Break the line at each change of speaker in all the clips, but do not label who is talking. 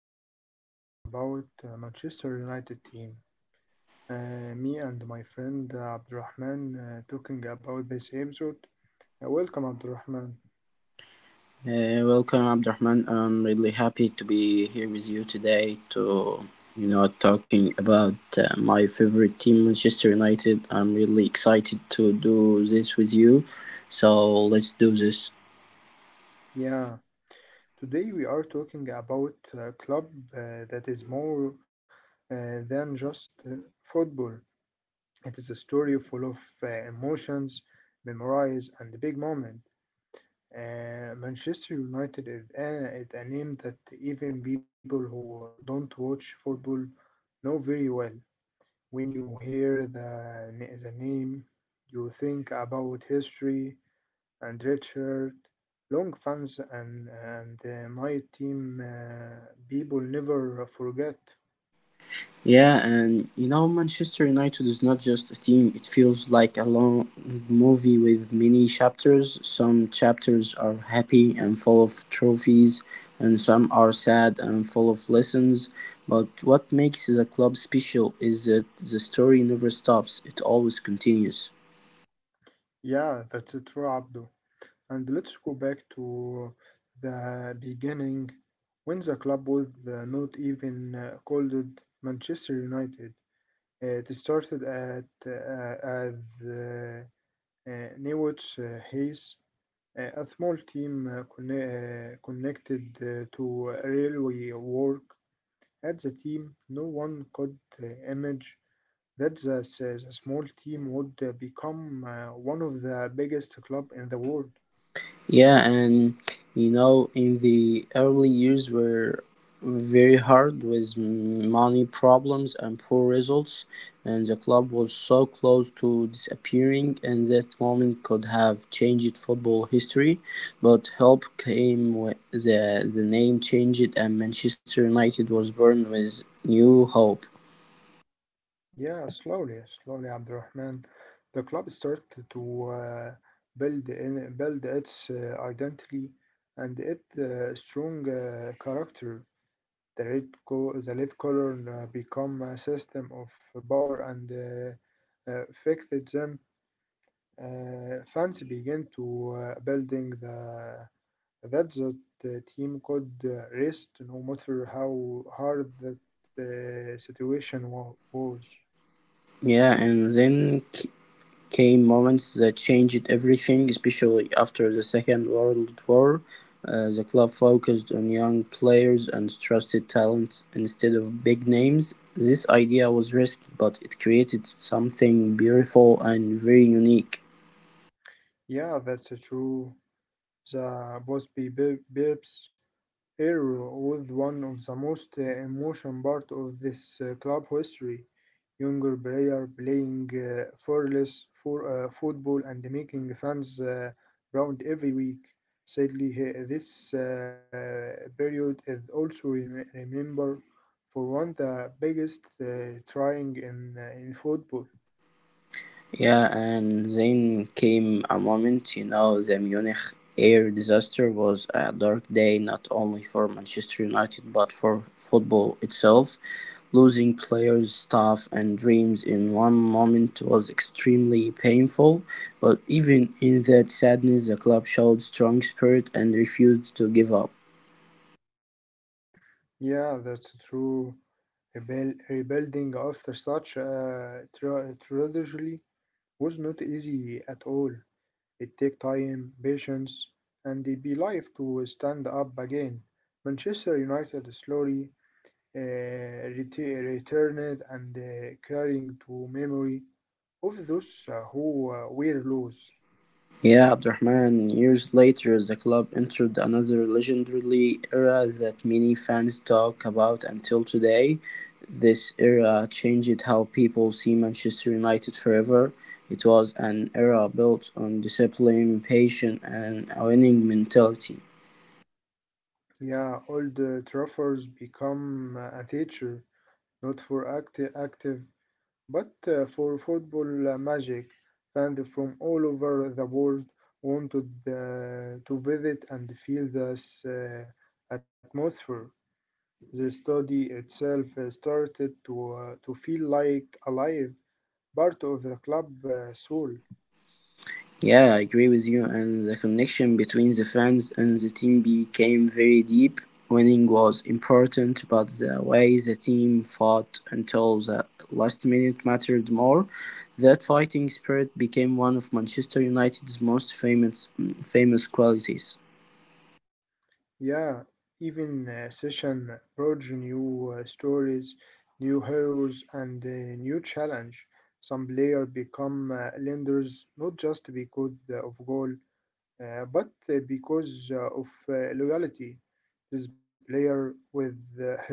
Today we talk about Manchester United team. Me and my friend Abdurrahman talking about this episode. Welcome Abdurrahman.
Hey, welcome, Abdurrahman. I'm really happy to be here with you today to, talking about my favorite team, Manchester United. I'm really excited to do this with you. So let's do this.
Yeah, today we are talking about a club that is more than just football. It is a story full of emotions, memories, and big moments. Manchester United is is a name that even people who don't watch football know very well. When you hear the name, you think about history and Richard, long fans and my team people never forget.
Yeah, and you know, Manchester United is not just a team, it feels like a long movie with many chapters. Some chapters are happy and full of trophies, and some are sad and full of lessons. But what makes the club special is that the story never stops, it always continues.
Yeah, that's true, Abdul. And let's go back to the beginning when the club was not even called Manchester United. It started at as Newell's Hayes, a small team connected to railway work. At the team, no one could image that the small team would become one of the biggest club in the world.
Yeah, and you know, in the early years were very hard with money problems and poor results, and the club was so close to disappearing, and that moment could have changed football history. But help came when the name changed, and Manchester United was born with new hope.
Yeah, slowly, slowly, Abdurrahman. The club started to build its identity and its strong character. The red color become a system of power and them. Fans begin to building the that the team could rest no matter how hard that situation was.
Yeah, and then came moments that changed everything, especially after the Second World War. The club focused on young players and trusted talent instead of big names. This idea was risky, but it created something beautiful and very unique.
Yeah, that's true. The Bosby Bips era was one of the most emotion part of this club history. Younger player playing fearless for football and making fans round every week. Sadly, this period is also remembered for one of the biggest trying in football.
Yeah, and then came a moment, you know, the Munich air disaster was a dark day not only for Manchester United but for football itself. Losing players, staff, and dreams in one moment was extremely painful, but even in that sadness, the club showed strong spirit and refused to give up.
Yeah, that's true. Rebuilding after such a tragedy was not easy at all. It took time, patience, and the belief to stand up again. Manchester United slowly uh, returned and carrying to memory of those who were lost.
Yeah, Abdurrahman, years later, the club entered another legendary era that many fans talk about until today. This era changed how people see Manchester United forever. It was an era built on discipline, patience, and a winning mentality.
Yeah, old Trafford's become a teacher, not for active but for football magic, fans from all over the world wanted to visit and feel this atmosphere. The study itself started to feel like alive, part of the club soul.
Yeah, I agree with you. And the connection between the fans and the team became very deep. Winning was important, but the way the team fought until the last minute mattered more. That fighting spirit became one of Manchester United's most famous famous qualities.
Yeah, even session brought new stories, new heroes, and new challenge. Some player become lenders not just because of goal but because of loyalty this player with her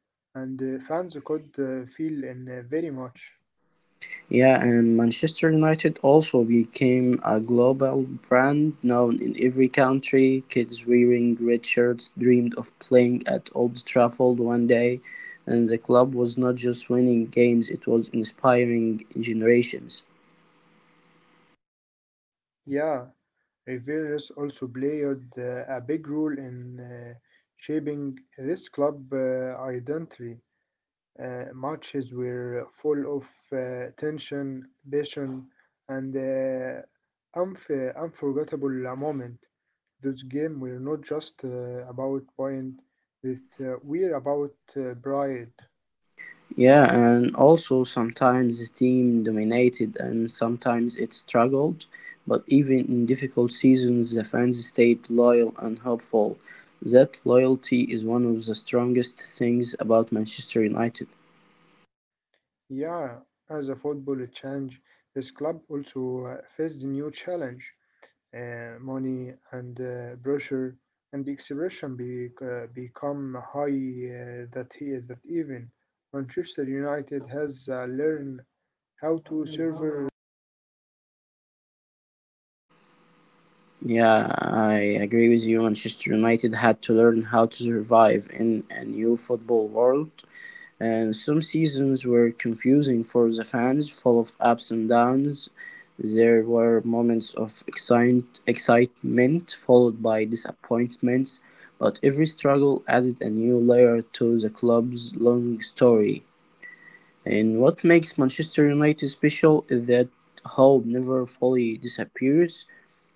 and fans could feel in very much.
Yeah, and Manchester United also became a global brand known in every country. Kids wearing red shirts dreamed of playing at Old Trafford one day, and the club was not just winning games, it was inspiring generations.
Yeah, Riveras also played a big role in shaping this club identity. Matches were full of tension, passion, and unforgettable moment. This game we're not just about point that we're about pride.
Yeah, and also sometimes the team dominated and sometimes it struggled, but even in difficult seasons, the fans stayed loyal and helpful. That loyalty is one of the strongest things about Manchester United.
Yeah, as a football change this club also faced a new challenge, money and pressure and the expression become high that here that even Manchester United has learned how to serve.
Yeah, I agree with you. Manchester United had to learn how to survive in a new football world. And some seasons were confusing for the fans, full of ups and downs. There were moments of excitement followed by disappointments, but every struggle added a new layer to the club's long story. And what makes Manchester United special is that hope never fully disappears.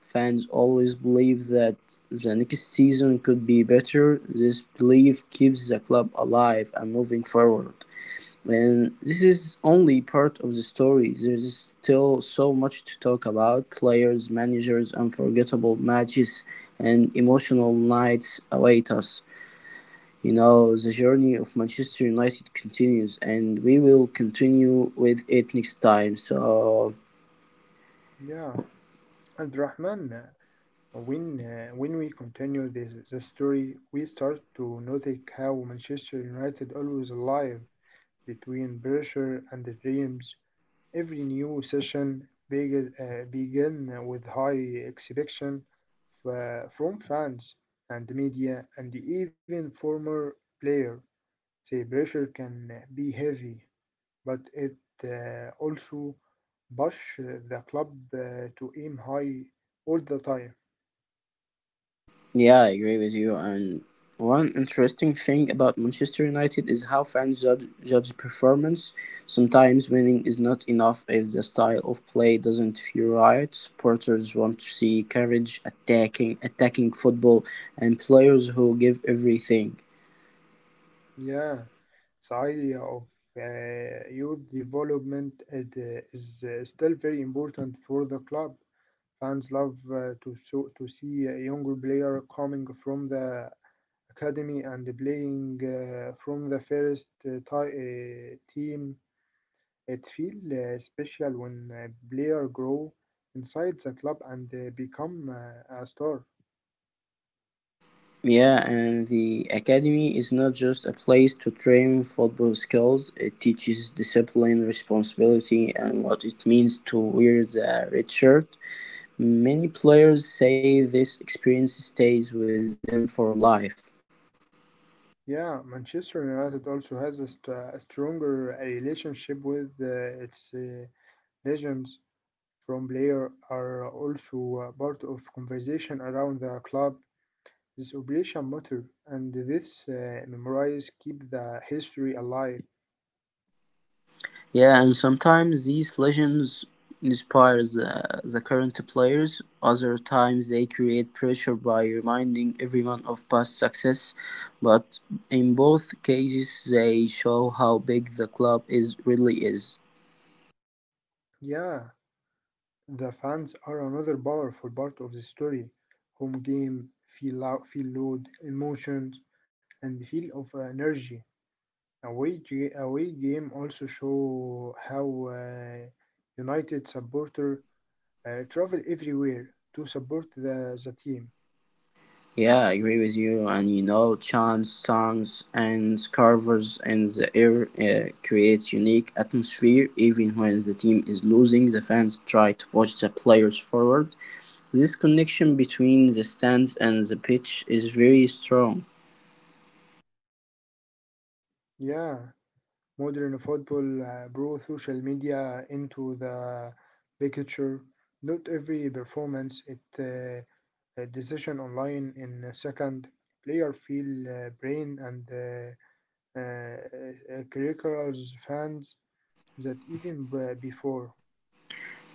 Fans always believe that the next season could be better. This belief keeps the club alive and moving forward. And this is only part of the story. There's still so much to talk about players, managers, unforgettable matches, and emotional nights await us. You know, the journey of Manchester United continues, and we will continue with it next time. So,
Yeah, and Rahman, When when we continue this, the story, we start to notice how Manchester United always alive between pressure and the dreams. Every new session begin with high expectation from fans and media and even former player. The pressure can be heavy, but it also push the club to aim high all the time.
yeah, I agree with you. And one interesting thing about Manchester United is how fans judge performance. Sometimes winning is not enough if the style of play doesn't feel right. Supporters want to see courage, attacking football, and players who give everything.
Yeah, the idea of youth development is still very important for the club. Fans love to see a younger player coming from the academy and playing from the first team. It feels special when a player grow inside the club and become a star.
Yeah, and the academy is not just a place to train football skills. It teaches discipline, responsibility, and what it means to wear the red shirt. Many players say this experience stays with them for life.
Yeah, Manchester United also has a stronger relationship with its legends from players are also part of conversation around the club. This operation matter and this memories keep the history alive.
Yeah, and sometimes these legends inspire the current players. Other times they create pressure by reminding everyone of past success. But in both cases, they show how big the club is really is.
Yeah, the fans are another powerful part of the story. Home game, feel loud, feel load, emotions, and feel of energy. Away game also show how United supporter travel everywhere to support the team.
Yeah, I agree with you. And you know, chants, songs, and covers in the air create unique atmosphere. Even when the team is losing, the fans try to push the players forward. This connection between the stands and the pitch is very strong.
Yeah, modern football brought social media into the picture. Not every performance, it a decision online in a second. Player feel brain and curriculars fans that even before.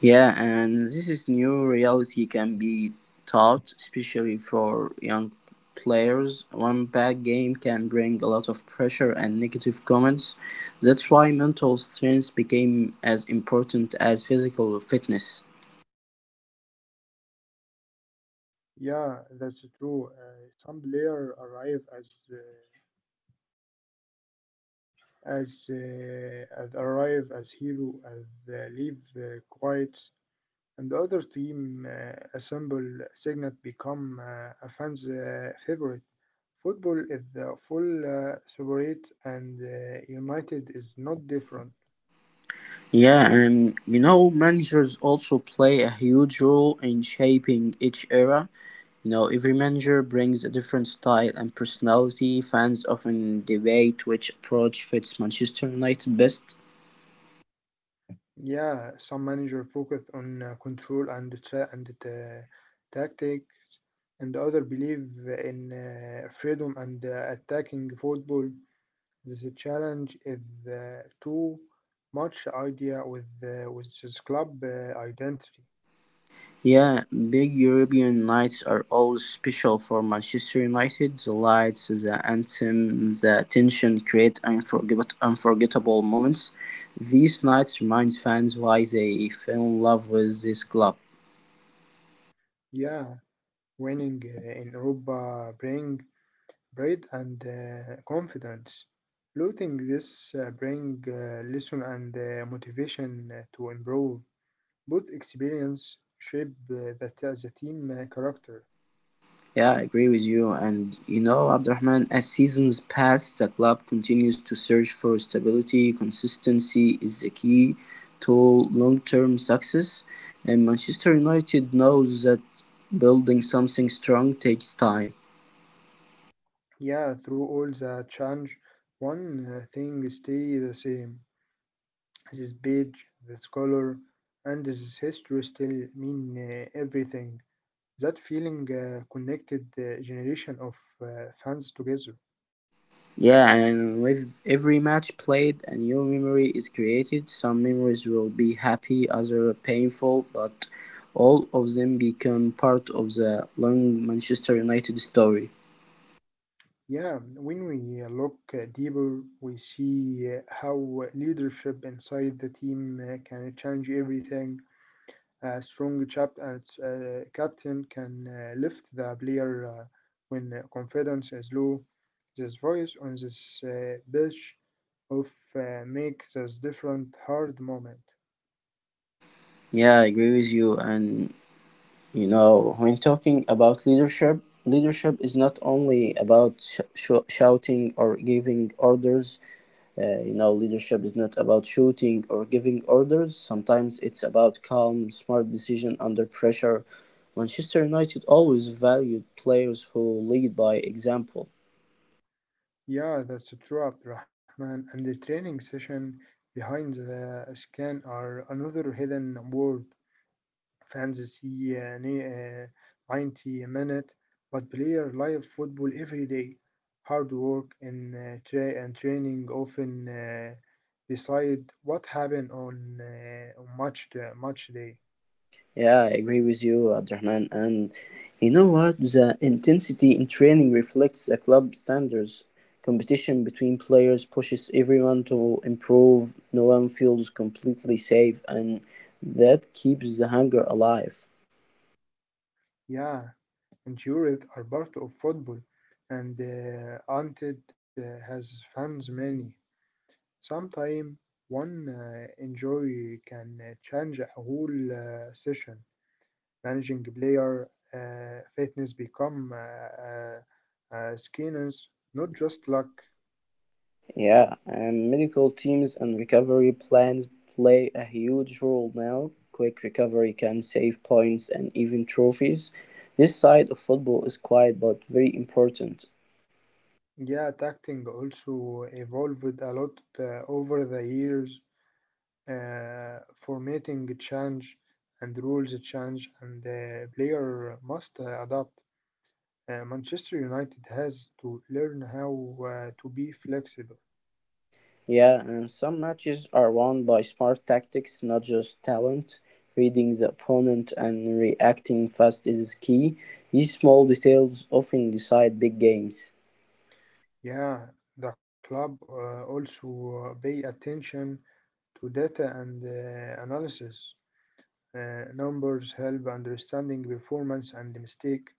Yeah, and this is new reality can be taught, especially for young players. One bad game can bring a lot of pressure and negative comments. That's why mental strength became as important as physical fitness.
Yeah, that's true. Some player arrive as arrive as hero as leave quiet and the other team assemble signet become a fan's favorite. Football is the full separate and United is not different.
Yeah, and you know, managers also play a huge role in shaping each era. You know, every manager brings a different style and personality. Fans often debate which approach fits Manchester United best.
Yeah, some manager focus on control and tactics, and other believe in freedom and attacking football. This challenge is too much idea with this club identity.
Yeah, big European nights are always special for Manchester United. The lights, the anthem, the tension create unforgettable moments. These nights remind fans why they fell in love with this club.
Yeah, winning in Europa bring pride and confidence. Losing this bring lesson and motivation to improve. Both experience shape the team character.
Yeah, I agree with you. And you know, Abdurrahman, as seasons pass, the club continues to search for stability. Consistency is the key to long term success. And Manchester United knows that building something strong takes time.
Yeah, through all the change, one thing stay the same. This page, this color, and this history still mean everything. That feeling connected the generation of fans together.
Yeah, and with every match played, a new memory is created. Some memories will be happy, others painful, but all of them become part of the long Manchester United story.
Yeah, when we look deeper, we see how leadership inside the team can change everything. A strong captain can lift the player when confidence is low. This voice on this pitch of make this different hard moment.
Yeah, I agree with you. And you know, when talking about leadership, leadership is not only about shouting or giving orders. You know, leadership is not about shooting or giving orders. Sometimes it's about calm, smart decision under pressure. Manchester United always valued players who lead by example.
Yeah, that's true, Abdurrahman. And the training session behind the scan are another hidden word. Fantasy يعني uh, 90 minute but player live football every day hard work and training often decide what happened on match day, match day.
Yeah, I agree with you, Abdurrahman. And you know what? The intensity in training reflects the club standards. Competition between players pushes everyone to improve. No one feels completely safe, and that keeps the hunger alive.
Yeah, injuries are part of football and Anted has fans many sometimes one injury can change a whole session managing player fitness become skinners, not just luck.
Yeah, and medical teams and recovery plans play a huge role now. Quick recovery can save points and even trophies. This side of football is quiet but very important.
Yeah, tacting also evolved a lot over the years. Uh, Formatting change and rules change, and the player must adapt. Manchester United has to learn how to be flexible.
Yeah, and some matches are won by smart tactics, not just talent. Reading the opponent and reacting fast is key. These small details often decide big games.
Yeah, the club also pay attention to data and analysis. Numbers help understanding performance and the mistake,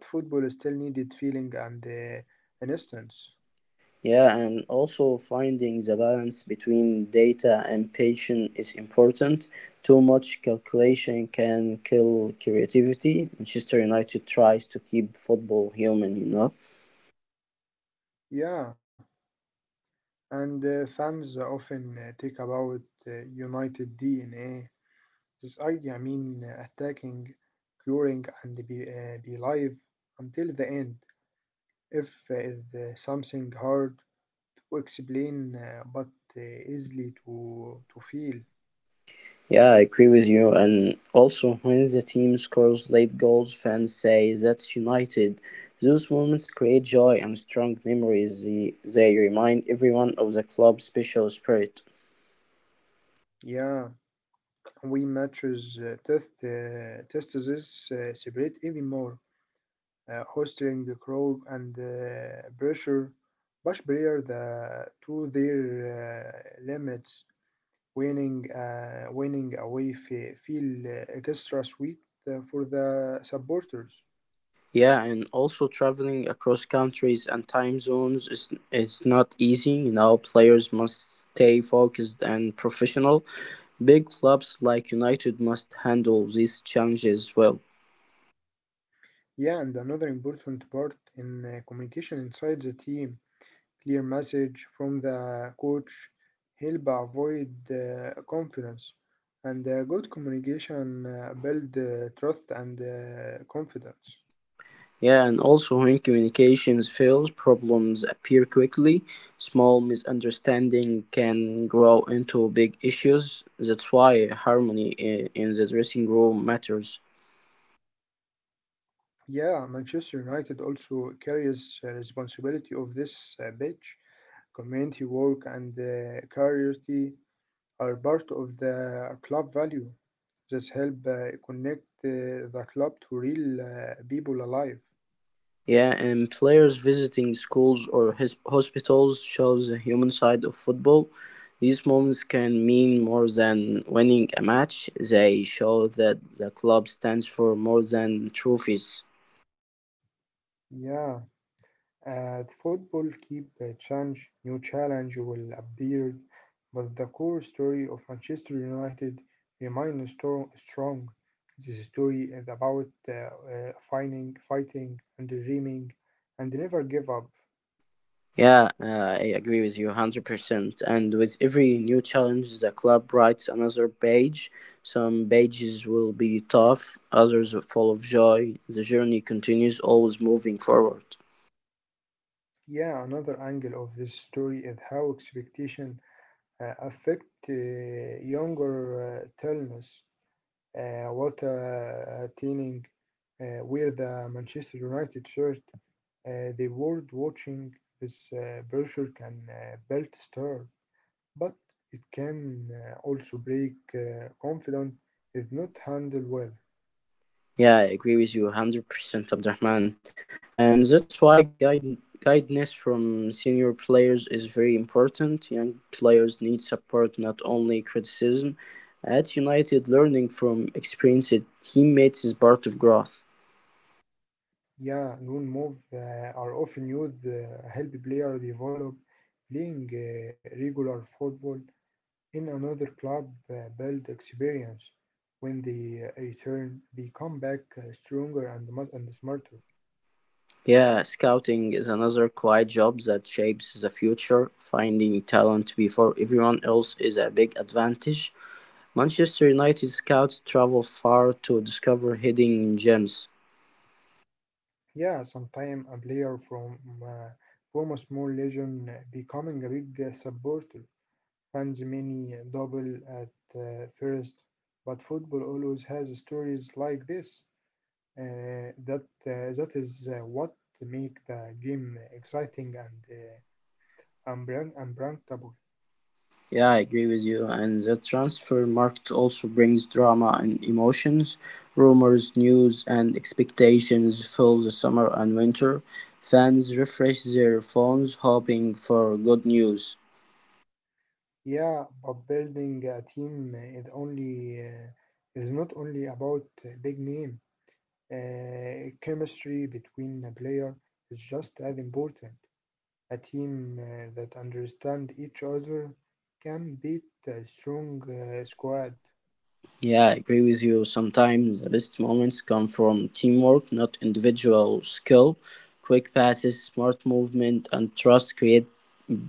but football still needed feeling and an instance.
Yeah, and also finding the balance between data and patience is important. Too much calculation can kill creativity. Manchester United tries to keep football human,
Yeah, and fans often take about United DNA. This idea, I mean, attacking, curing, and be live until the end. If is something hard to explain, but easily to feel.
Yeah, I agree with you. And also, when the team scores late goals, fans say that's United. Those moments create joy and strong memories. They remind everyone of the club's special spirit.
Yeah. We matches testes separate even more, hosting the crowd and pressure push player to their limits, winning winning away feel extra sweet for the supporters.
Yeah, and also traveling across countries and time zones is it's not easy. You know, players must stay focused and professional. Big clubs like United must handle these challenges well.
Yeah, and another important part in communication inside the team. Clear message from the coach help avoid confidence and good communication build trust and confidence.
Yeah, and also when communications fails, problems appear quickly. Small misunderstanding can grow into big issues. That's why harmony in the dressing room matters.
Yeah, Manchester United also carries responsibility of this pitch. Community work and curiosity are part of the club value. This help connect the club to real people alive.
Yeah, and players visiting schools or hospitals shows the human side of football. These moments can mean more than winning a match. They show that the club stands for more than trophies.
Yeah, the football keep change, new challenge will appear, but the core story of Manchester United remains strong. This story is about finding, fighting, and dreaming, and never give up.
Yeah, I agree with you 100%. And with every new challenge, the club writes another page. Some pages will be tough, others are full of joy. The journey continues, always moving forward.
Yeah, another angle of this story is how expectation affect younger talents. What attaining where the Manchester United shirt. The world watching this pressure can build star, but it can also break confidence if not handled well.
Yeah, I agree with you 100%, Abdurrahman. And that's why guidance from senior players is very important. Young players need support, not only criticism. At United, learning from experienced teammates is part of growth.
Yeah, loan move are often used help player develop playing regular football in another club build experience. When they return, they come back stronger and smarter.
Yeah, scouting is another quiet job that shapes the future. Finding talent before everyone else is a big advantage. Manchester United scouts travel far to discover hidden gems.
Yeah, sometime a player uh, from a small legion becoming a big supporter. Fans many double at first, but football always has stories like this. That is what make the game exciting and unpredictable.
Yeah, I agree with you. And the transfer market also brings drama and emotions. Rumors, news, and expectations fill the summer and winter. Fans refresh their phones hoping for good news.
Yeah, but building a team is only is not only about big name. Chemistry between a player is just as important. A team that understand each other can beat a strong squad.
Yeah, I agree with you. Sometimes the best moments come from teamwork, not individual skill. Quick passes, smart movement, and trust create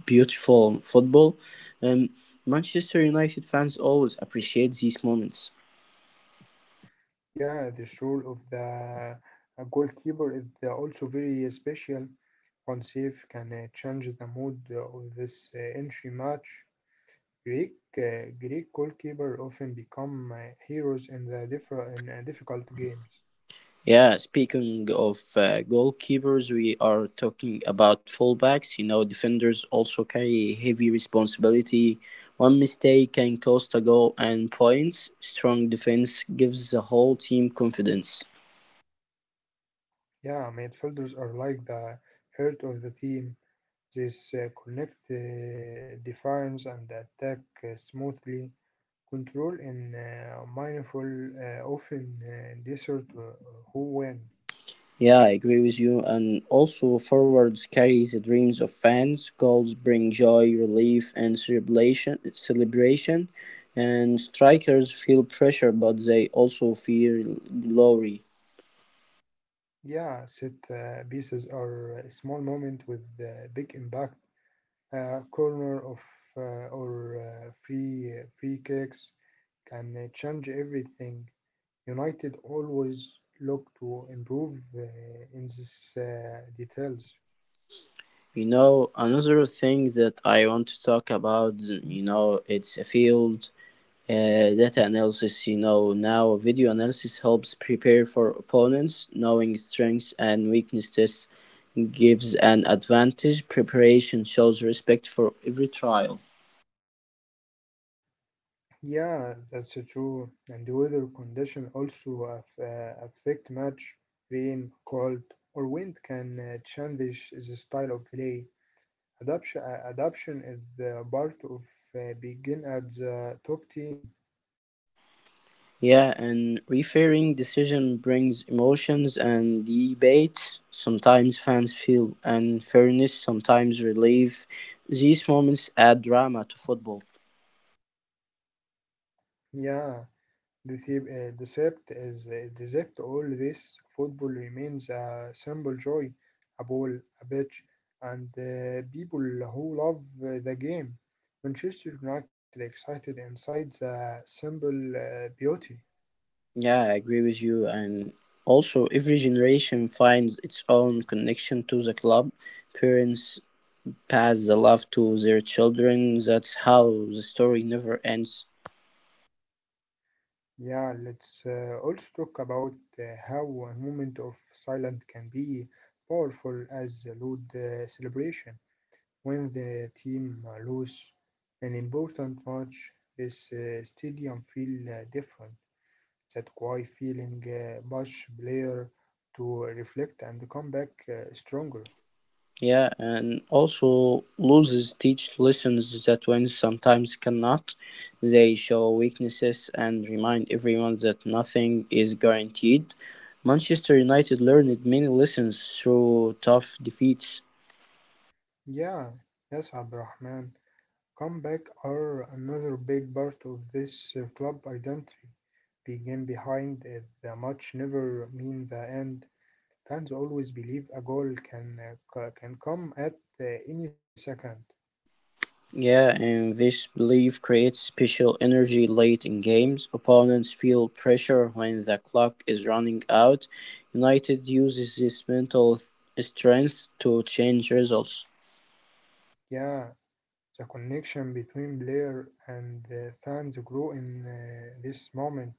beautiful football. Um, Manchester United fans always appreciate these moments.
Yeah, this role of the goalkeeper is also very special. One save can change the mood of this entry match. Greek goalkeeper often become heroes in the difficult games.
Yeah, speaking of goalkeepers, we are talking about fullbacks. You know, defenders also carry heavy responsibility. One mistake can cost a goal and points. Strong defense gives the whole team confidence.
Yeah, midfielders are like the heart of the team. This connect defines and attack smoothly. Control and mindful often desert who win.
Yeah, I agree with you. And also, forwards carry the dreams of fans. Goals bring joy, relief, and celebration. Celebration, and strikers feel pressure, but they also feel glory.
Yeah, set pieces are a small moment with big impact. A corner of or free kicks can change everything. United always look to improve in these details.
You know, another thing that I want to talk about. You know, it's a field data analysis, you know, now video analysis helps prepare for opponents, knowing strengths and weaknesses gives an advantage. Preparation shows respect for every trial.
Yeah, that's true. And the weather condition also affect much. Rain, cold, or wind can change the style of play. Adaption is the part of begin at the top team.
Yeah, and referring decision brings emotions and debates. Sometimes fans feel unfairness, sometimes relief. These moments add drama to football.
Yeah, decept all this football remains a simple joy, a ball, a pitch, and people who love the game. Manchester United excited inside the simple beauty.
Yeah, I agree with you. And also, every generation finds its own connection to the club. Parents pass the love to their children. That's how the story never ends.
Yeah, let's also talk about how a moment of silence can be powerful as a loud celebration. When the team lose an important match, this stadium feel different. That why feeling push player to reflect and come back stronger.
Yeah, and also losses teach lessons that wins sometimes cannot. They show weaknesses and remind everyone that nothing is guaranteed. Manchester United learned many lessons through tough defeats.
Yeah, yes, Abdurrahman. Comeback are another big part of this club identity. Begin behind the match never mean the end. Fans always believe a goal can can come at any second.
Yeah, and this belief creates special energy late in games. Opponents feel pressure when the clock is running out. United uses this mental strength to change results.
Yeah, the connection between player and fans grew in this moment.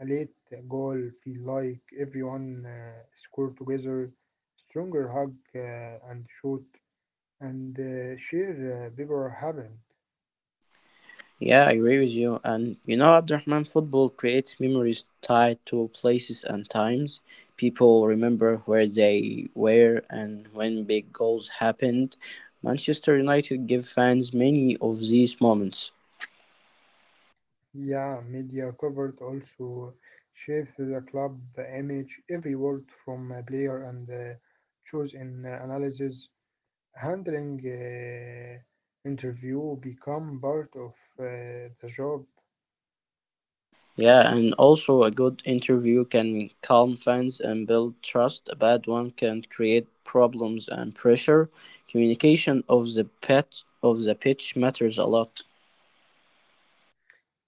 A late goal feel like everyone scored together, stronger hug and shoot, and share bigger happened.
Yeah, I agree with you. And you know, Abdurrahman, football creates memories tied to places and times. People remember where they were and when big goals happened. Manchester United give fans many of these moments.
Yeah, media covered also shaped the club image. Every word from a player and choose in analysis, handling interview become part of the job.
Yeah, and also a good interview can calm fans and build trust. A bad one can create problems and pressure. Communication of the pitch matters a lot.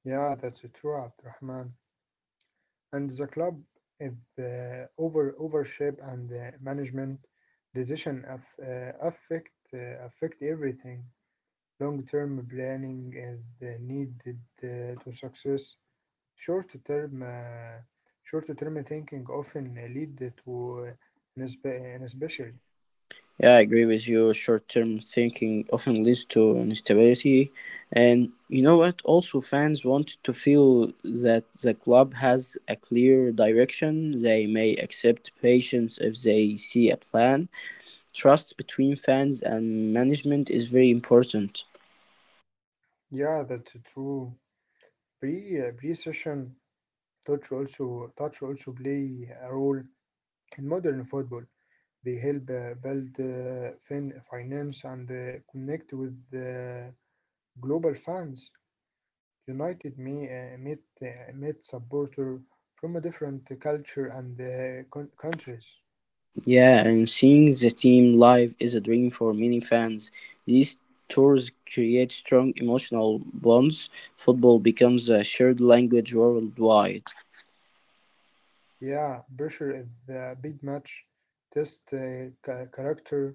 Yeah, that's true, Abdurrahman. And the club, if the over overship and the management decision affect affect everything. Long-term planning is needed to success. Short-term uh, short-term thinking often lead to especially.
Yeah, I agree with you. Short-term thinking often leads to instability, and you know what? Also, fans want to feel that the club has a clear direction. They may accept patience if they see a plan. Trust between fans and management is very important.
Yeah, that's true. Pre-session touch also play a role in modern football. They help build finance and connect with global fans. United meet supporter from a different culture and countries.
Yeah, and seeing the team live is a dream for many fans. These tours create strong emotional bonds. Football becomes a shared language worldwide.
Yeah, pressure is a big match. Test character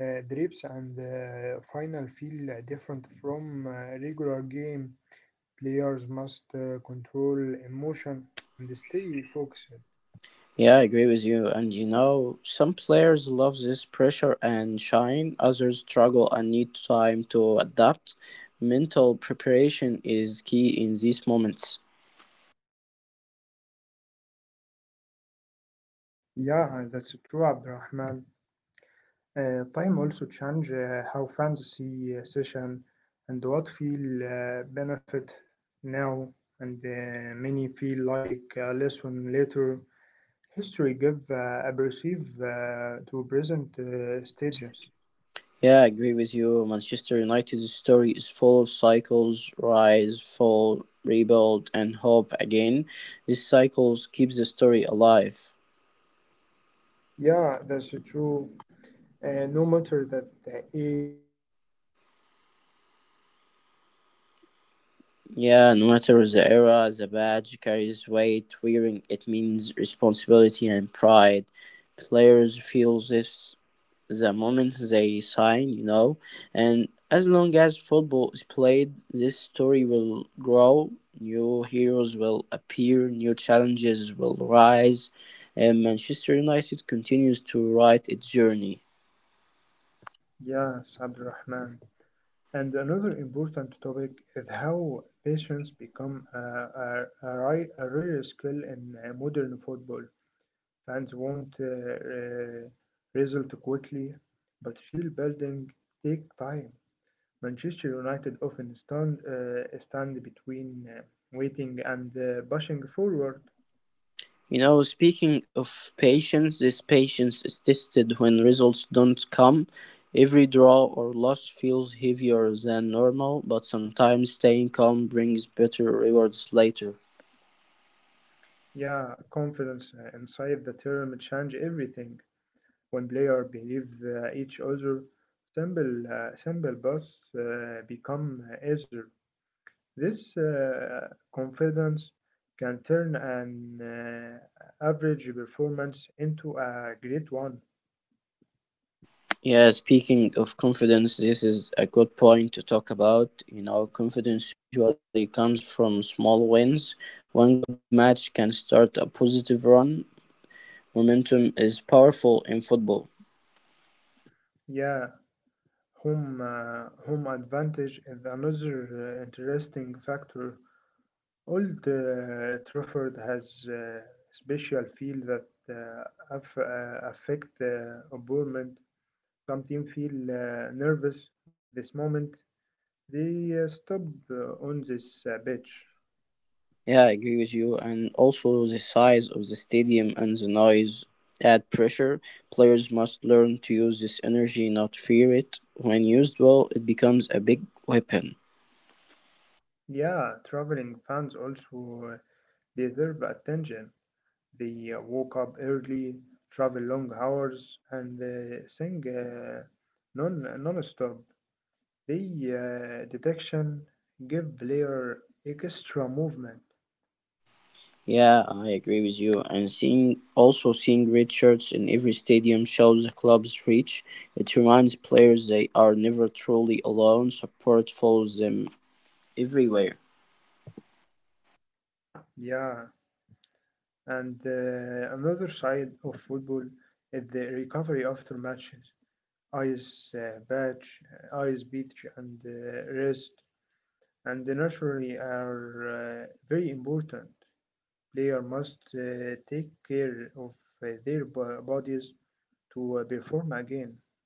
drips and final feel different from regular game. Players must control emotion and stay focused.
Yeah, I agree with you. And you know, some players love this pressure and shine, others struggle and need time to adapt. Mental preparation is key in these moments.
Yeah, that's true, Abdurrahman. Time also change how fans see session and what feel benefit now and many feel like a lesson later. History give a perceive to present stages.
Yeah, I agree with you. Manchester United's story is full of cycles rise, fall, rebuild, and hope again. These cycles keeps the story alive.
Yeah, that's true. No matter that that ear that budge care waves,
Yeah, no matter
wearing
the era,
in
the
mean
badge carries weight.
responsibility
Wearing
and the
it
bride
means responsibility
layer.
and pride. Players feel this the moment they sign, you know. And as long as football is played, this story will grow, new heroes will appear, new challenges will rise, and Manchester United continues to write its journey.
Yes, Abdurrahman. And another important topic is how patience become a rare skill in modern football. Fans want result quickly, but real building take time. Manchester United often stand between waiting and pushing forward.
You know, speaking of patience, this patience is tested when results don't come. Every draw or loss feels heavier than normal, but sometimes staying calm brings better rewards later.
Yeah, confidence inside the term change everything. When players believe each other, simple paths become easier. This confidence can turn an average performance into a great one.
Yeah, speaking of confidence, this is a good point to talk about. You know, confidence usually comes from small wins. One good match can start a positive run. Momentum is powerful in football.
Yeah, home advantage is another interesting factor. Old Trafford has a special feel that affect opponent some team feel nervous this moment, they stop on this pitch.
Yeah, I agree with you. And also the size of the stadium and the noise add pressure. Players must learn to use this energy, not fear it. When used well, it becomes a big weapon.
Yeah, traveling fans also deserve attention. They woke up early, travel long hours, and sing non-stop. The detection give player extra movement.
Yeah, I agree with you. And seeing also seeing red shirts in every stadium shows the club's reach. It reminds players they are never truly alone. Support follows them everywhere.
Yeah, and another side of football is the recovery after matches. Ice patch, ice beach, and rest, and naturally are very important. Player must take care of their bodies to perform again.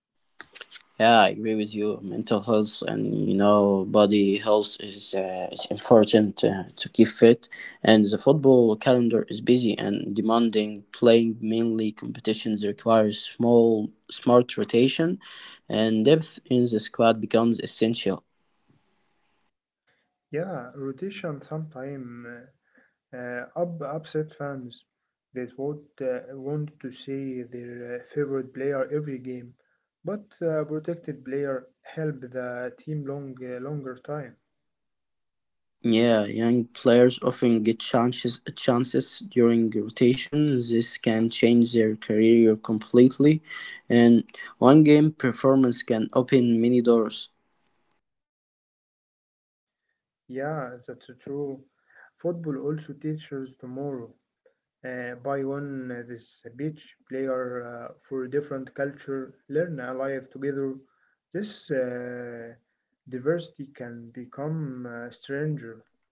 Yeah, I agree with you. Mental health and you know body health is important to keep fit. And the football calendar is busy and demanding. Playing mainly competitions requires small smart rotation, and depth in the squad becomes essential.
Yeah, rotation sometimes upset fans that would want to see their favorite player every game, but protected player help the team longer time.
Yeah, young players often get chances during rotation. This can change their career completely, and one game performance can open many doors.
Yeah, that's so true. Football also teaches tomorrow. Buy one this beach player for different culture, learn alive together. This diversity can become a stranger.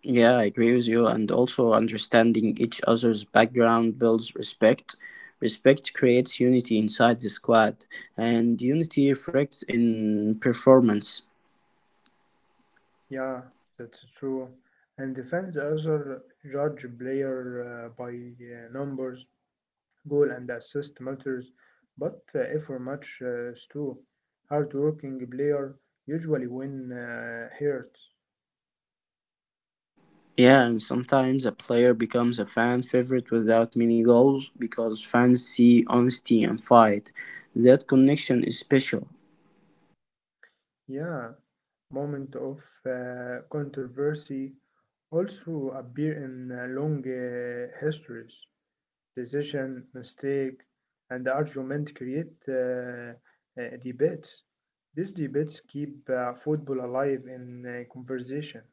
Yeah, I agree with you, and also understanding each other's background builds respect. Respect creates unity inside the squad, and unity reflects in performance.
Yeah, that's so true. And the fans also judge player by numbers. Goal and assist matters, but if our match is too hard hard-working player usually win hurts.
Yeah, and sometimes a player becomes a fan favorite without many goals because fans see honesty and fight. That connection is special.
Yeah, moment of controversy also appear in long histories. Decision, mistake, and argument create debates. These debates keep football alive in conversation.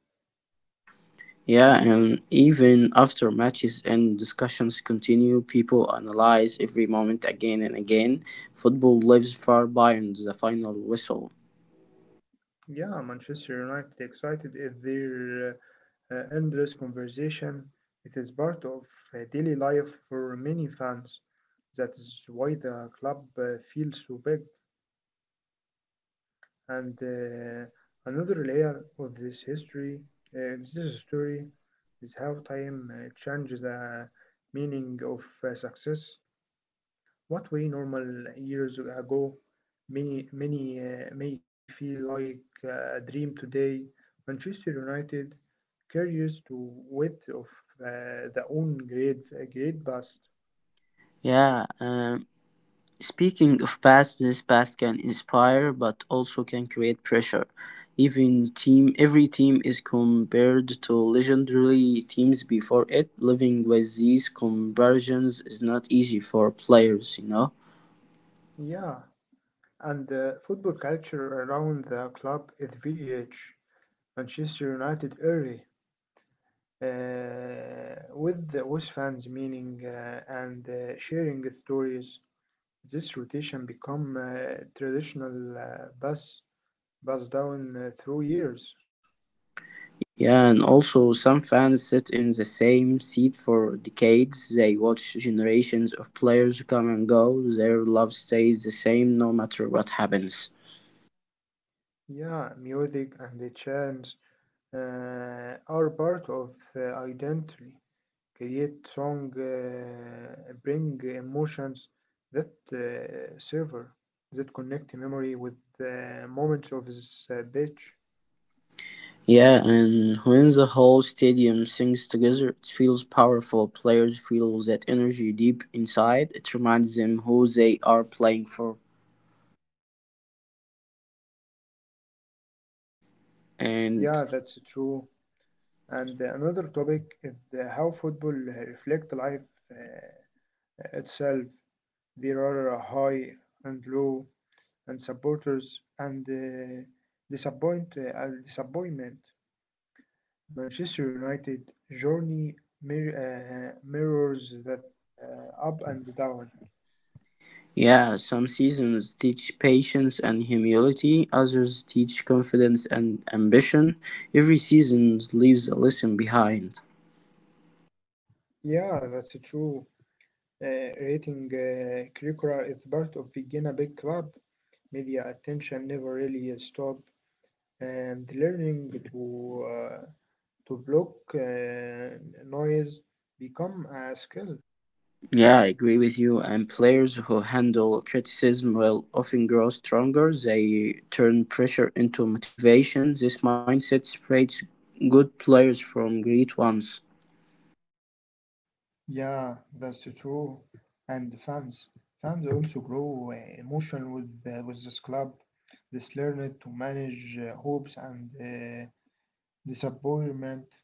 Yeah, and even after matches and discussions continue, people analyze every moment again and again. Football lives far beyond the final whistle.
Yeah, Manchester United excited is their endless conversation. It is part of daily life for many fans. That is why the club feels so big. And another layer of this history, of this story, is how time changes the meaning of success. What we normal years ago many may feel like a dream today. Manchester United carries to width of their own great great past.
Yeah, speaking of past, this past can inspire but also can create pressure. Even team every team is compared to legendary teams before it. Living with these comparisons is not easy for players, you know.
Yeah, and the football culture around the club is very rich. Manchester United early with the with fans meaning and sharing stories. This rotation become traditional bus passed down through years.
Yeah, and also some fans sit in the same seat for decades. They watch generations of players come and go. Their love stays the same no matter what happens.
Yeah, music and the chants are part of identity. Create song, bring emotions that server, that connect memory with the moments of this beach.
Yeah, and when the whole stadium sings together, it feels powerful. Players feel that energy deep inside. It reminds them who they are playing for. And
Yeah, that's true. And another topic is the how football reflect life uh, itself. There are high and low, and supporters and disappointment. Manchester United journey mirrors that up and down.
yeah, some seasons teach patience and humility, others teach confidence and ambition. Every season leaves a lesson behind.
Yeah, that's true. Uh, rating curricula is part of being a big club. Media attention never really stop, and learning to block noise become a skill.
Yeah, I agree with you. And players who handle criticism will often grow stronger. They turn pressure into motivation. This mindset separates good players from great ones.
Yeah, that's true. And the fans also grow emotional with this club. This learned to manage hopes and disappointment.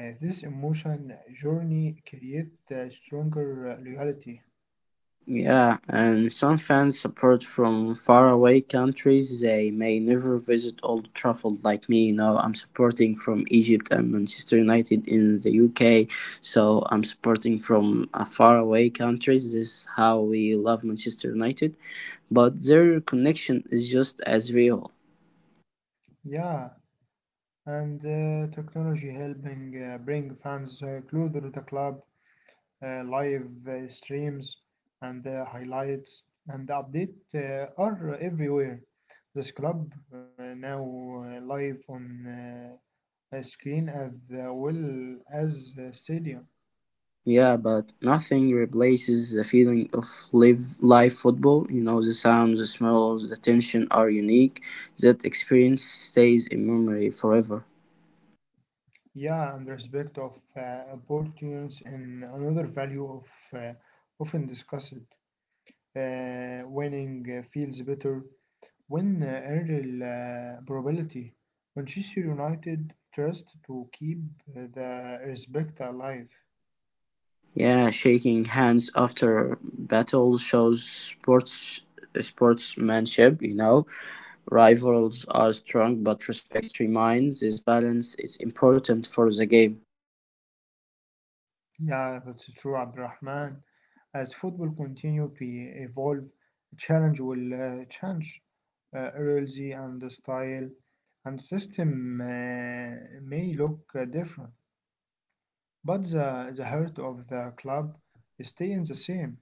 This emotion journey create stronger reality.
Yeah, and some fans support from faraway countries. They may never visit Old Trafford like me. Now I'm supporting from Egypt and Manchester United in the UK. So I'm supporting from a faraway countries. This is how we love Manchester United. But their connection is just as real.
Yeah, and technology helping bring fans closer to the club, live streams and highlights and update are everywhere. This club now live on uh, a screen as well as a stadium.
Yeah, but nothing replaces the feeling of live football. You know, the sounds, the smells, the tension are unique. That experience stays in memory forever.
Yeah, and respect of importance and another value of uh, often discussed. Winning feels better when early probability. Manchester United trust to keep the respect alive.
Yeah, shaking hands after battle shows sportsmanship, you know. Rivals are strong, but respect remains. This balance is important for the game.
Yeah, that's true, Abdurrahman. As football continue to evolve, challenge will change. RLZ and the style and system may look different, but the heart of the club stays the same.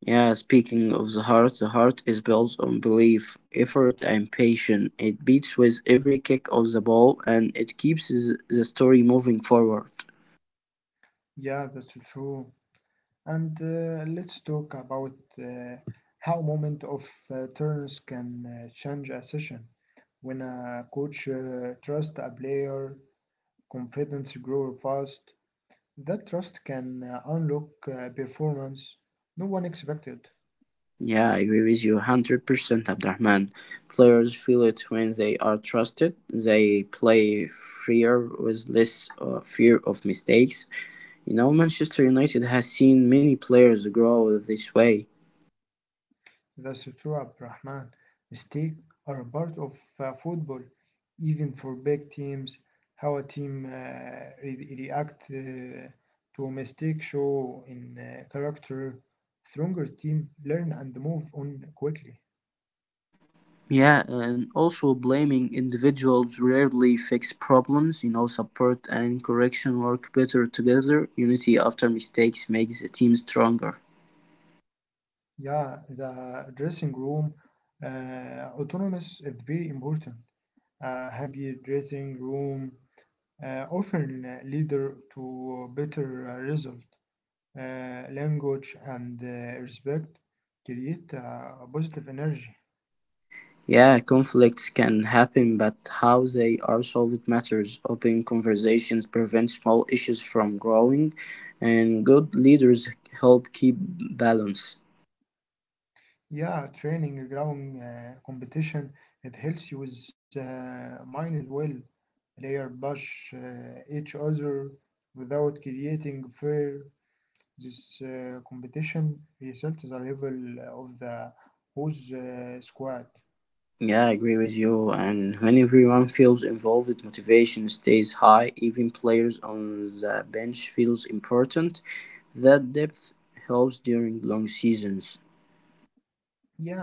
Yeah, speaking of the heart is built on belief, effort, and patience. It beats with every kick of the ball and it keeps the story moving forward.
Yeah, that's true. And let's talk about uh, how moment of turns can change a session. When a coach trusts a player, confidence grows fast. That trust can unlock performance no one expected.
Yeah, I agree with you 100%, Abdurrahman. Players feel it when they are trusted. They play freer with less fear of mistakes. You know, Manchester United has seen many players grow this way.
The Sutura Brahman mistake are a part of football, even for big teams. How a team react to a mistake show in character. Stronger team learn and move on quickly.
Yeah, and also blaming individuals rarely fix problems. You know, support and correction work better together. Unity after mistakes makes the team stronger.
Yeah, the dressing room autonomous is very important. A happy dressing room often lead to better result. Language and respect create positive energy.
Yeah, conflicts can happen, but how they are solved matters. Open conversations prevent small issues from growing, and good leaders help keep balance.
Yeah, training, ground competition, it helps you with mind well. Player bash each other without creating fear. This competition results a level of the whose squad.
Yeah, I agree with you. And when everyone feels involved, motivation stays high. Even players on the bench feels important. That depth helps during long seasons.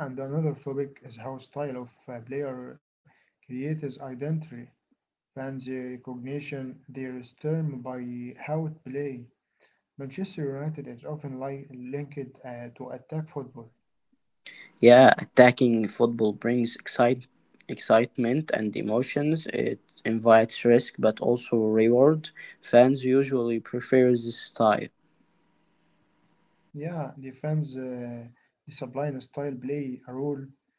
Yeah, and another topic is how style of player creates identity. Fans' recognition their term by how it play. Manchester United is often linked to attack football.
Yeah, attacking football brings excitement and emotions. It invites risk but also reward. Fans usually prefer this style.
Yeah, discipline, and style play a role.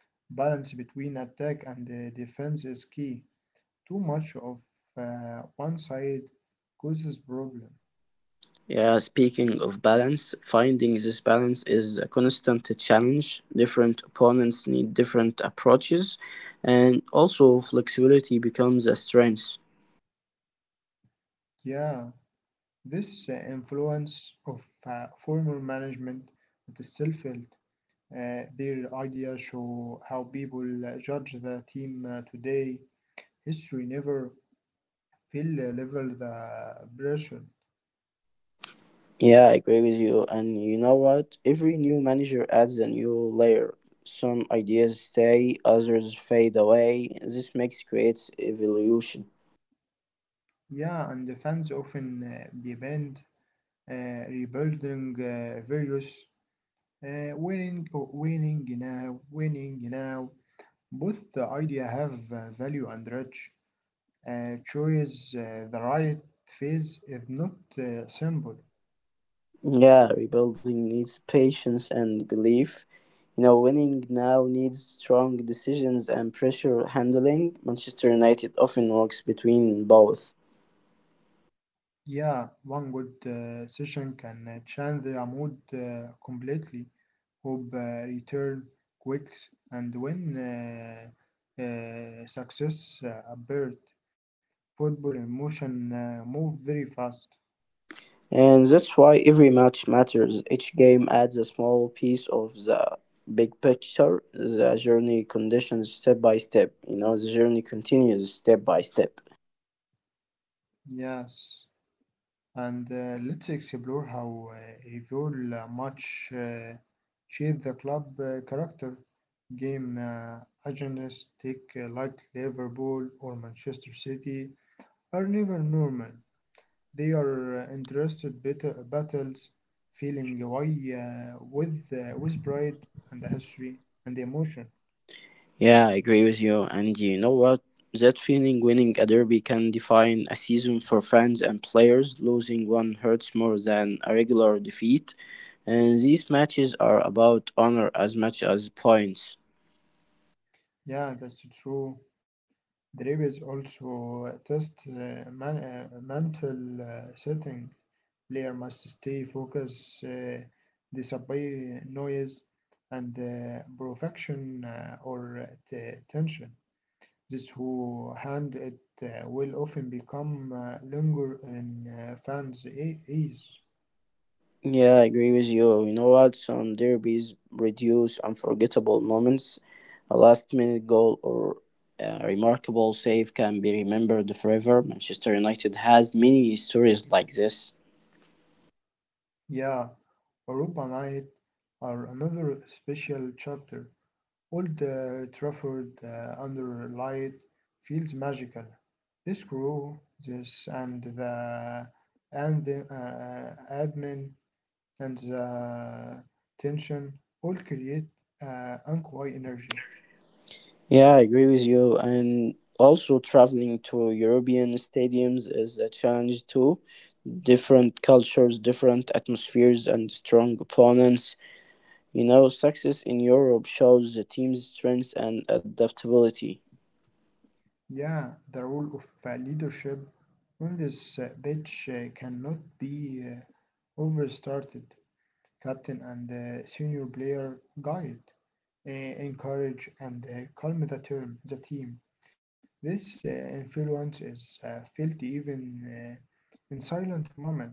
Balance between attack and defense is key. Too much of one side causes problem.
Yeah, speaking of balance, finding this balance is a constant challenge. Different opponents need different approaches, and also flexibility becomes a strength.
Yeah, this influence of former management that is still felt. Their ideas show how people judge the team today. History never feel level the pressure.
Yeah, I agree with you. And you know what? Every new manager adds a new layer. Some ideas stay, others fade away. This makes creates evolution.
Yeah, and the fans often demand rebuilding various winning now, winning now. Both the idea have value and rich. Choose the right phase is not simple.
Yeah, rebuilding needs patience and belief. You know, winning now needs strong decisions and pressure handling. Manchester United often works between both.
Yeah, one good session can change the mood completely. Hope return quick and when success appeared. Football emotion move very fast.
And that's why every match matters. Each game adds a small piece of the big picture. The journey conditions step by step. You know, the journey continues step by step.
Yes, and let's explore how Revol much shape the club character. Game agendas, take like Liverpool or Manchester City, are never normal. They are interested battles, feeling why with pride and the history and the emotion.
Yeah, I agree with you. And you know what? That feeling winning a derby can define a season for fans and players. Losing one hurts more than a regular defeat. And these matches are about honor as much as points.
Yeah, that's true. There is also a test mental setting. Player must stay focused, disobey noise and perfection or tension. These who hand it will often become linger in fans' ears.
Yeah, I agree with you. You know what? Some derbies reduce unforgettable moments. A last minute goal or a remarkable save can be remembered forever. Manchester United has many stories like this.
Yeah, Europa Night are another special chapter. Old Trafford under light feels magical. This crew, this and the admin and the tension all create unquiet energy.
Yeah, I agree with you. And also, traveling to European stadiums is a challenge too. Different cultures, different atmospheres, and strong opponents. You know, success in Europe shows the team's strength and adaptability.
Yeah, the role of leadership on this pitch cannot be overstated. Captain and senior player guide, encourage, and calm the, term, the team. This influence is felt even in silent moment.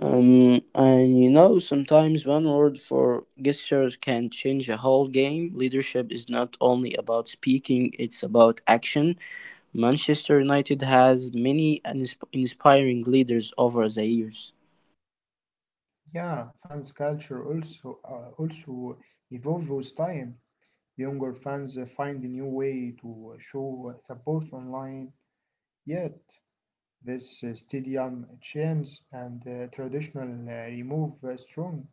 And you know, sometimes one word for gestures can change a whole game. Leadership is not only about speaking, it's about action. Manchester United has many inspiring leaders over the years.
Yeah, fans culture also evolve with time. Younger fans find a new way to show support online. Yet, this stadium chains and traditional remove a strong,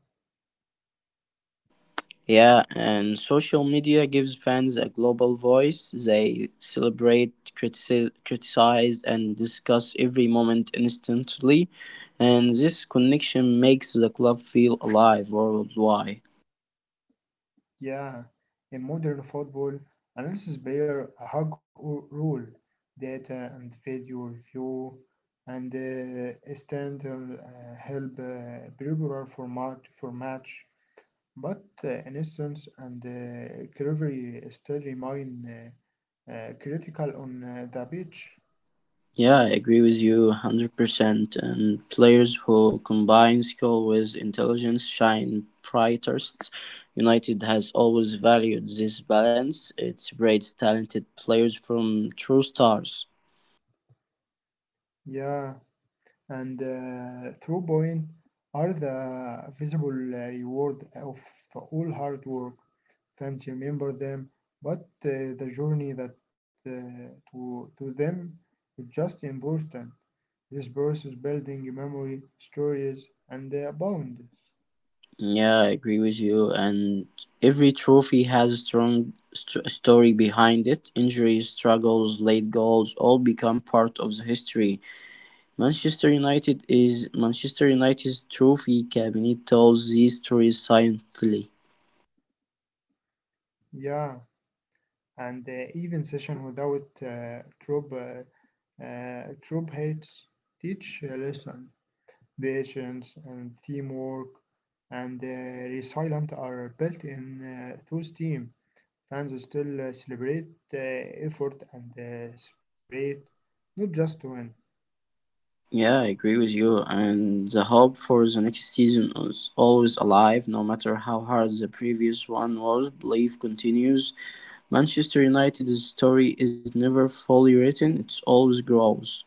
Yeah, and social media gives fans a global voice. They celebrate, criticize, and discuss every moment instantly. And this connection makes the club feel alive worldwide.
yeah, in modern football, analysis player a hug or rule, data and video review, and standard help regular format for match. But in instance and recovery still remain critical on the pitch.
Yeah, I agree with you 100%. And players who combine skill with intelligence shine brightest. United has always valued this balance. It separates talented players from true stars.
Yeah, and through point are the visible reward of all hard work. Fans remember them, but the journey that to them is just important. This process building memory, stories, and bonds.
Yeah, I agree with you. And every trophy has a strong story behind it. Injuries, struggles, late goals all become part of the history. Manchester United's trophy cabinet tells these stories silently.
Yeah, and even session without troop hates teach a lesson. Patience, and teamwork, and resilience are built in through STEAM. Fans still celebrate effort and spirit, not just to win.
Yeah, I agree with you. And the hope for the next season is always alive, no matter how hard the previous one was. Belief continues. Manchester United's story is never fully written, it always grows.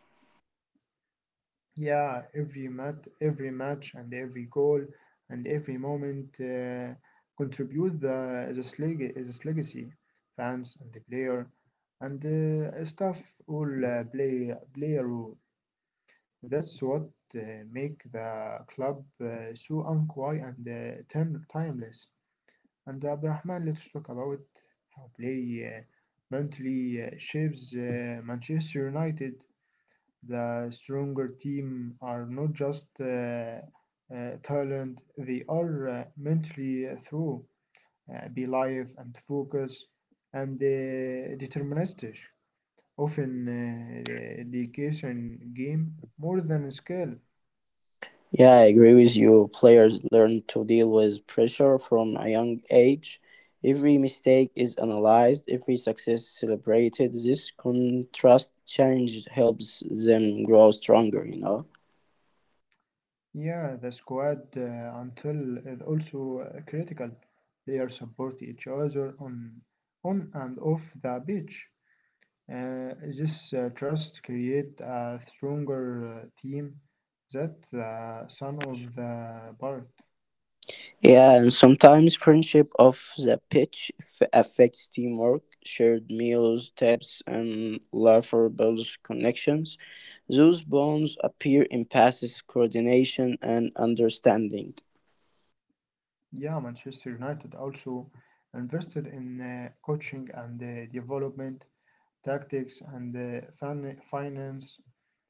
Yeah, every match, and every goal, and every moment contribute the this, this legacy. Fans and the player and staff all play a role. That's what uh, make the club so unquiet and timeless. And Abdurrahman, let's talk about how play mentally shapes Manchester United. The stronger team are not just talent; they are mentally through, be live and focus and deterministic. Often, dedication game more than skill.
Yeah, I agree with you. Players learn to deal with pressure from a young age. Every mistake is analyzed, every success celebrated. This contrast change helps them grow stronger, you know?
Yeah, the squad until is also critical. They support each other on and off the pitch. This trust create a stronger team that the son of the part.
Yeah, and sometimes friendship off the pitch affects teamwork, shared meals, tips, and laughter builds connections. Those bonds appear in passes, coordination, and understanding.
Yeah, Manchester United also invested in coaching and development tactics and finance.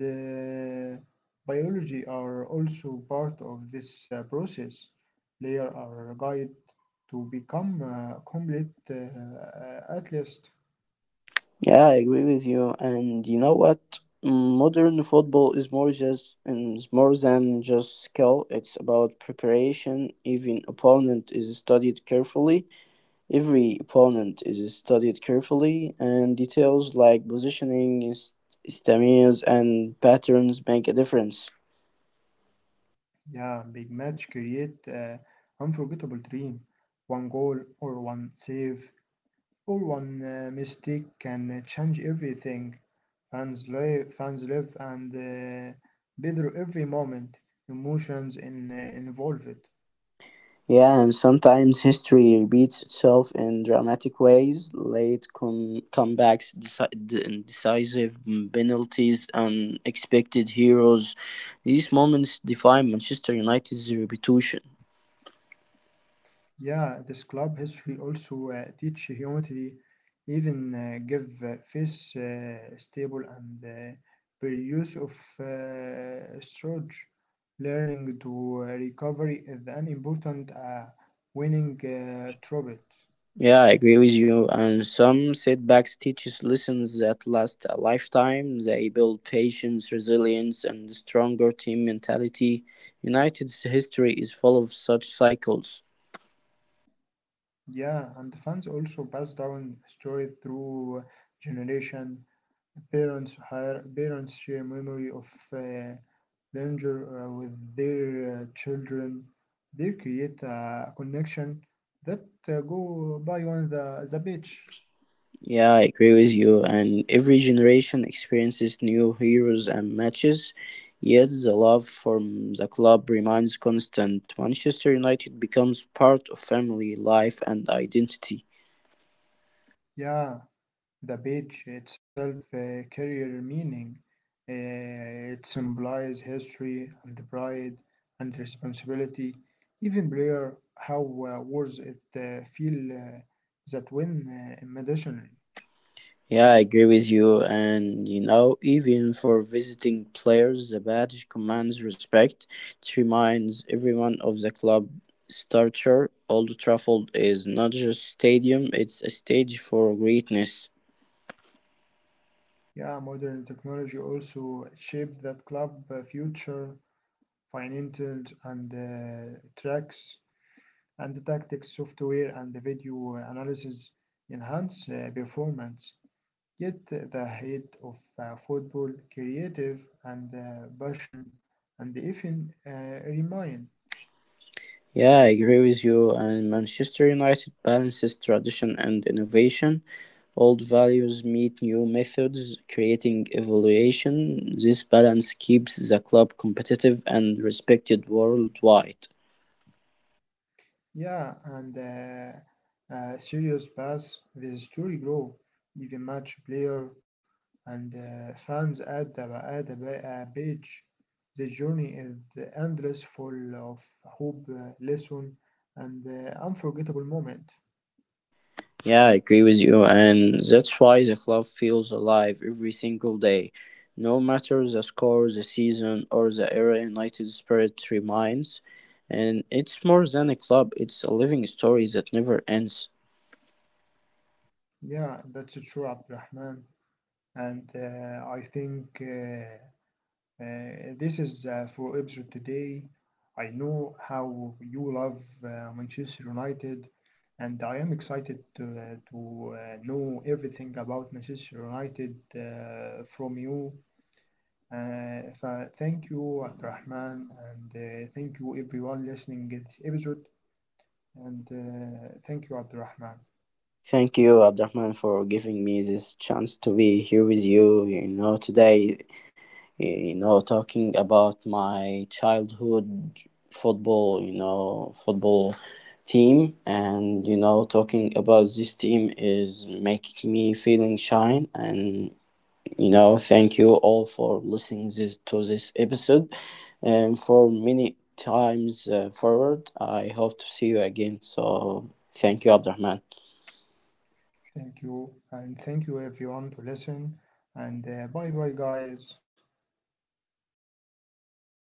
And biology are also part of this process. Layers are guide to become a complete atlas.
Yeah, I agree with you. And you know what? Modern football is more than just skill. It's about preparation. Even opponent is studied carefully. Every opponent is studied carefully, and details like positioning, stamina, and patterns make a difference.
Yeah, big match create an unforgettable dream. One goal or one save or one mistake can change everything. Fans live and better every moment. Emotions in, involved.
Yeah, and sometimes history repeats itself in dramatic ways. Late comebacks, decisive penalties, unexpected heroes. These moments define Manchester United's reputation.
Yeah, this club history also teach humanity, even give face stable and reuse of storage. Learning to recovery is an important winning trait.
Yeah, I agree with you. And some setbacks teach us lessons that last a lifetime. They build patience, resilience, and stronger team mentality. United's history is full of such cycles.
Yeah, and fans also pass down story through generation. Parents hire parents share memory of uh, danger with their children. They create a connection that go by on the beach.
Yeah, I agree with you. And every generation experiences new heroes and matches. Yet the love from the club remains constant. Manchester United becomes part of family life and identity.
Yeah. The beach itself carries meaning. It symbolizes history and pride and responsibility. Even player how wars it feel that win in medicine.
Yeah, I agree with you. And you know, even for visiting players, the badge commands respect. It reminds everyone of the club stature. Old Trafford is not just stadium; it's a stage for greatness.
Yeah, modern technology also shaped that club future, finances and tracks and tactics software and the video analysis enhance performance. Yet the hate of football, creative and passion, and even remain.
Yeah, I agree with you. And Manchester United balances tradition and innovation. Old values meet new methods, creating evolution. This balance keeps the club competitive and respected worldwide.
Yeah, and serious pass, the story grow, even match player and fans at the page. The journey is endless, full of hope, lesson, and unforgettable moment.
Yeah, I agree with you. And that's why the club feels alive every single day. No matter the score, the season, or the era, United spirit remains. And it's more than a club, it's a living story that never ends.
Yeah, that's true, Abdurrahman. And I think. This is for episode today. I know how you love Manchester United, and I am excited to know everything about Manchester United from you. Thank you, Abdurrahman, and thank you everyone listening to this episode. And thank you, Abdurrahman.
Thank you, Abdurrahman, for giving me this chance to be here with you. You know, today, you know, talking about my childhood football, you know, football team, and you know, talking about this team is making me feeling shine. And you know, thank you all for listening this to this episode, and for many times forward. I hope to see you again. So, thank you, Abdurrahman.
Thank you, and thank you everyone to listen. And bye bye, guys.